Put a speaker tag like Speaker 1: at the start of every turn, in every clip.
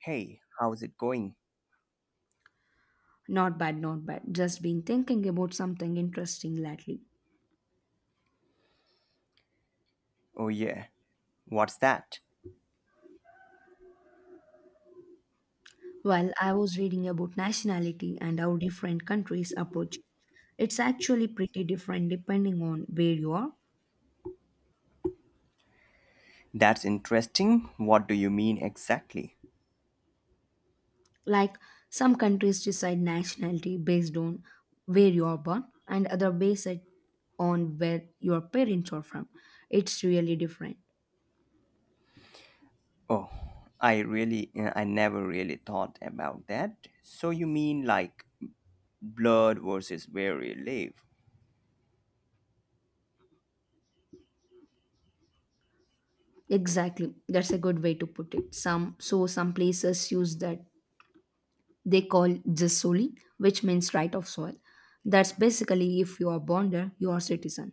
Speaker 1: Hey, how's it going?
Speaker 2: Not bad, not bad. Just been thinking about something interesting lately.
Speaker 1: Oh, yeah. What's that?
Speaker 2: While I was reading about nationality and how different countries approach it. It's actually pretty different depending on where you are.
Speaker 1: That's interesting. What do you mean exactly?
Speaker 2: Like some countries decide nationality based on where you are born, and other base it on where your parents are from. It's really different.
Speaker 1: Oh, I really, I never really thought about that. So you mean like blood versus where we live?
Speaker 2: Exactly. That's a good way to put it. Some places use that. They call Jisoli, which means right of soil. That's basically if you are born there, you are citizen.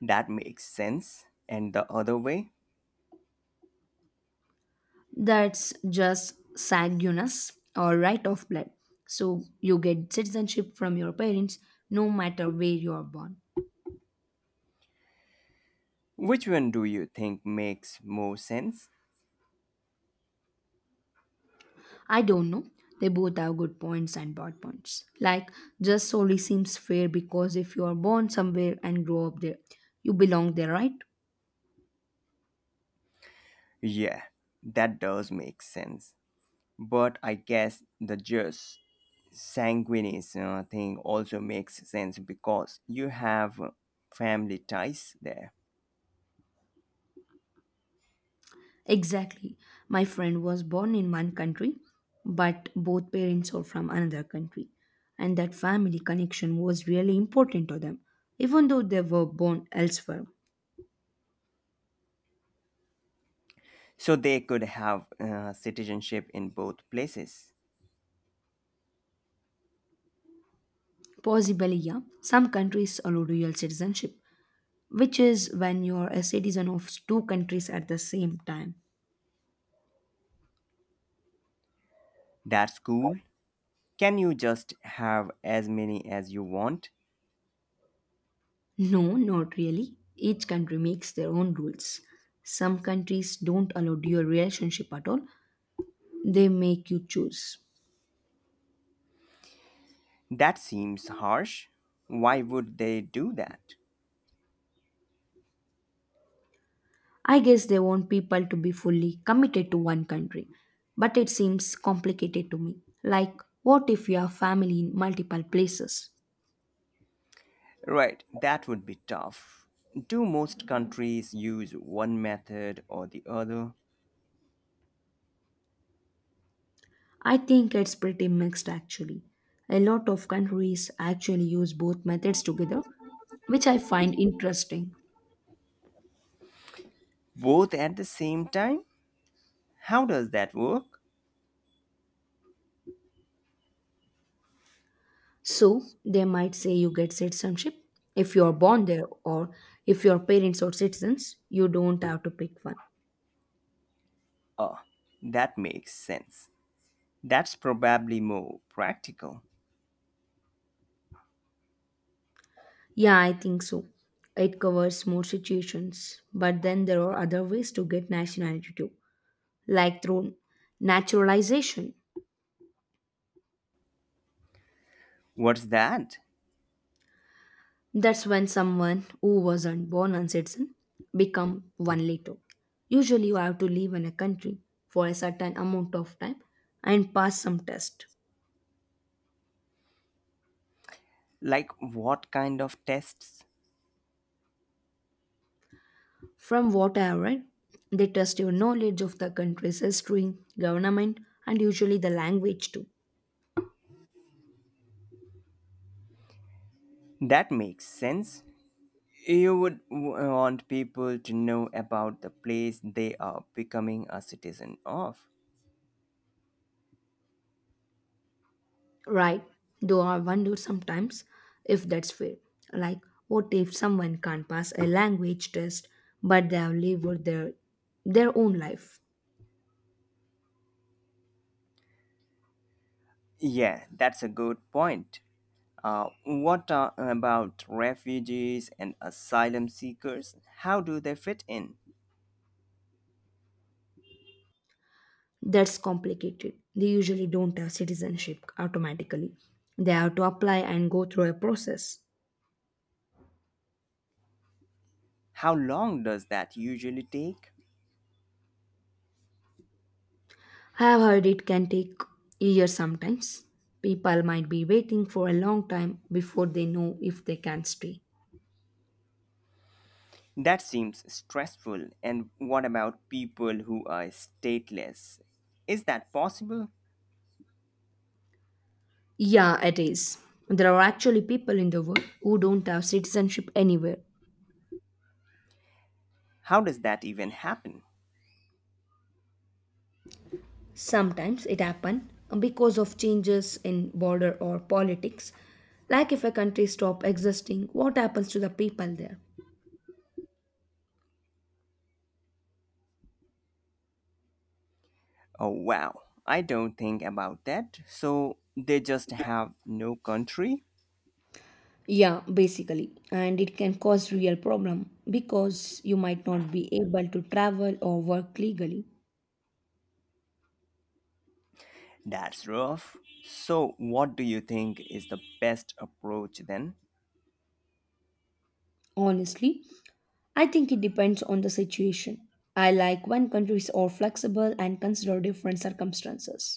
Speaker 1: That makes sense. And the other way?
Speaker 2: That's just sanguinis or right of blood. So you get citizenship from your parents no matter where you are born.
Speaker 1: Which one do you think makes more sense?
Speaker 2: I don't know. They both have good points and bad points. Like, just solely seems fair because if you are born somewhere and grow up there, you belong there, right?
Speaker 1: Yeah, that does make sense. But I guess the just sanguineous thing also makes sense because you have family ties there.
Speaker 2: Exactly. My friend was born in one country, but both parents are from another country. And that family connection was really important to them, even though they were born elsewhere.
Speaker 1: So they could have citizenship in both places.
Speaker 2: Possibly, yeah, some countries allow dual citizenship, which is when you're a citizen of two countries at the same time.
Speaker 1: That's cool. Can you just have as many as you want?
Speaker 2: No, not really. Each country makes their own rules. Some countries don't allow dual relationship at all, they make you choose.
Speaker 1: That seems harsh. Why would they do that?
Speaker 2: I guess they want people to be fully committed to one country, but it seems complicated to me. Like, what if you have family in multiple places?
Speaker 1: Right, that would be tough. Do most countries use one method or the other?
Speaker 2: I think it's pretty mixed actually. A lot of countries actually use both methods together, which I find interesting.
Speaker 1: Both at the same time? How does that work?
Speaker 2: So, they might say you get citizenship if you are born there, or if your parents are citizens, you don't have to pick one.
Speaker 1: Oh, that makes sense. That's probably more practical.
Speaker 2: Yeah, I think so. It covers more situations. But then there are other ways to get nationality too, like through naturalization.
Speaker 1: What's that?
Speaker 2: That's when someone who wasn't born a citizen become one later. Usually you have to live in a country for a certain amount of time and pass some test.
Speaker 1: Like, what kind of tests?
Speaker 2: From what I have read, they test your knowledge of the country's history, government, and usually the language too.
Speaker 1: That makes sense. You would want people to know about the place they are becoming a citizen of.
Speaker 2: Right, though I wonder sometimes if that's fair. Like, what if someone can't pass a language test but they have lived their own life?
Speaker 1: Yeah, that's a good point. About refugees and asylum seekers? How do they fit in?
Speaker 2: That's complicated. They usually don't have citizenship automatically, they have to apply and go through a process.
Speaker 1: How long does that usually take?
Speaker 2: I have heard it can take years sometimes. People might be waiting for a long time before they know if they can stay.
Speaker 1: That seems stressful. And what about people who are stateless? Is that possible?
Speaker 2: Yeah, it is. There are actually people in the world who don't have citizenship anywhere.
Speaker 1: How does that even happen?
Speaker 2: Sometimes it happen because of changes in border or politics, like if a country stop existing, what happens to the people there?
Speaker 1: Oh, wow. I don't think about that. So they just have no country?
Speaker 2: Yeah, basically, and it can cause real problem because you might not be able to travel or work legally.
Speaker 1: That's rough. So, what do you think is the best approach then?
Speaker 2: Honestly, I think it depends on the situation. I like when countries are flexible and consider different circumstances.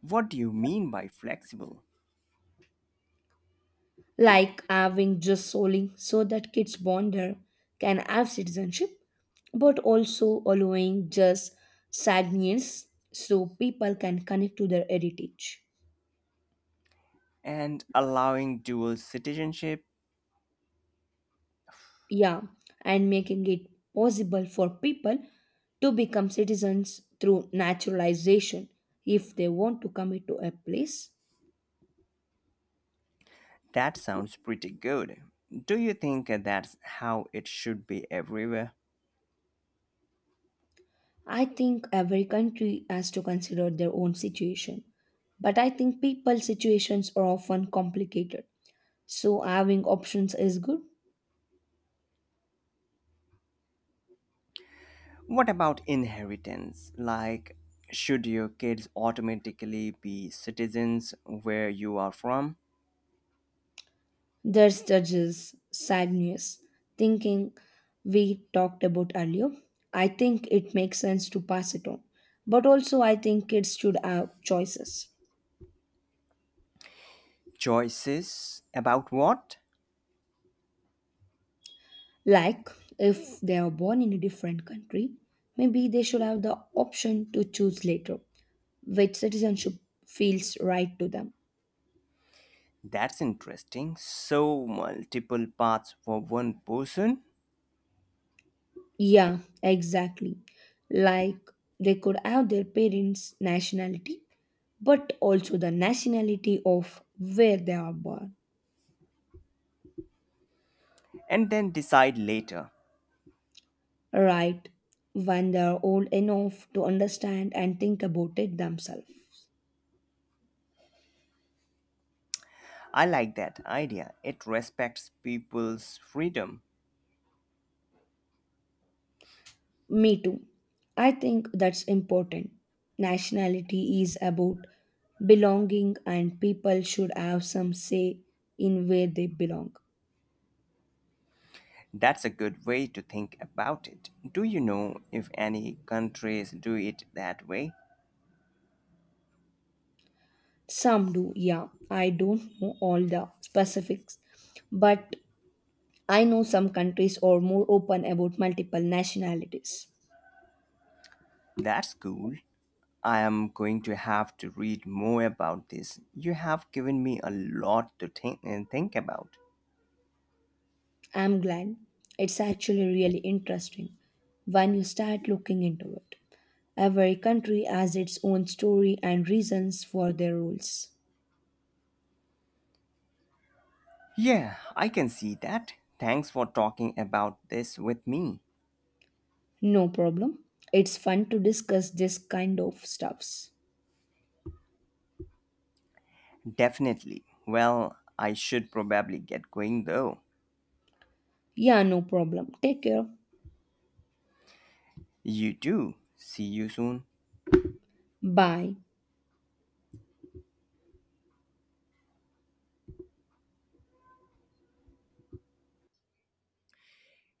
Speaker 1: What do you mean by flexible?
Speaker 2: Like having just solely so that kids born there can have citizenship, but also allowing just sadness so people can connect to their heritage.
Speaker 1: And allowing dual citizenship?
Speaker 2: Yeah, and making it possible for people to become citizens through naturalization if they want to commit to a place.
Speaker 1: That sounds pretty good. Do you think that's how it should be everywhere?
Speaker 2: I think every country has to consider their own situation, but I think people's situations are often complicated, so having options is good.
Speaker 1: What about inheritance? Like, should your kids automatically be citizens where you are from?
Speaker 2: There's judges, sad news, thinking we talked about earlier. I think it makes sense to pass it on. But also I think kids should have choices.
Speaker 1: Choices about what?
Speaker 2: Like if they are born in a different country, maybe they should have the option to choose later which citizenship feels right to them.
Speaker 1: That's interesting. So, multiple paths for one person
Speaker 2: Yeah, exactly. Like they could have their parents' nationality but also the nationality of where they are born,
Speaker 1: and then decide later.
Speaker 2: right? When they are old enough to understand and think about it themselves.
Speaker 1: I like that idea. It respects people's freedom.
Speaker 2: Me too. I think that's important. Nationality is about belonging, and people should have some say in where they belong.
Speaker 1: That's a good way to think about it. Do you know if any countries do it that way?
Speaker 2: Some do, yeah. I don't know all the specifics, but I know some countries are more open about multiple nationalities.
Speaker 1: That's cool. I am going to have to read more about this. You have given me a lot to think and think about.
Speaker 2: I'm glad. It's actually really interesting when you start looking into it. Every country has its own story and reasons for their rules.
Speaker 1: Yeah, I can see that. Thanks for talking about this with me.
Speaker 2: No problem. It's fun to discuss this kind of stuffs.
Speaker 1: Definitely. Well, I should probably get going though.
Speaker 2: Yeah, no problem. Take care.
Speaker 1: You too. See you soon.
Speaker 2: Bye.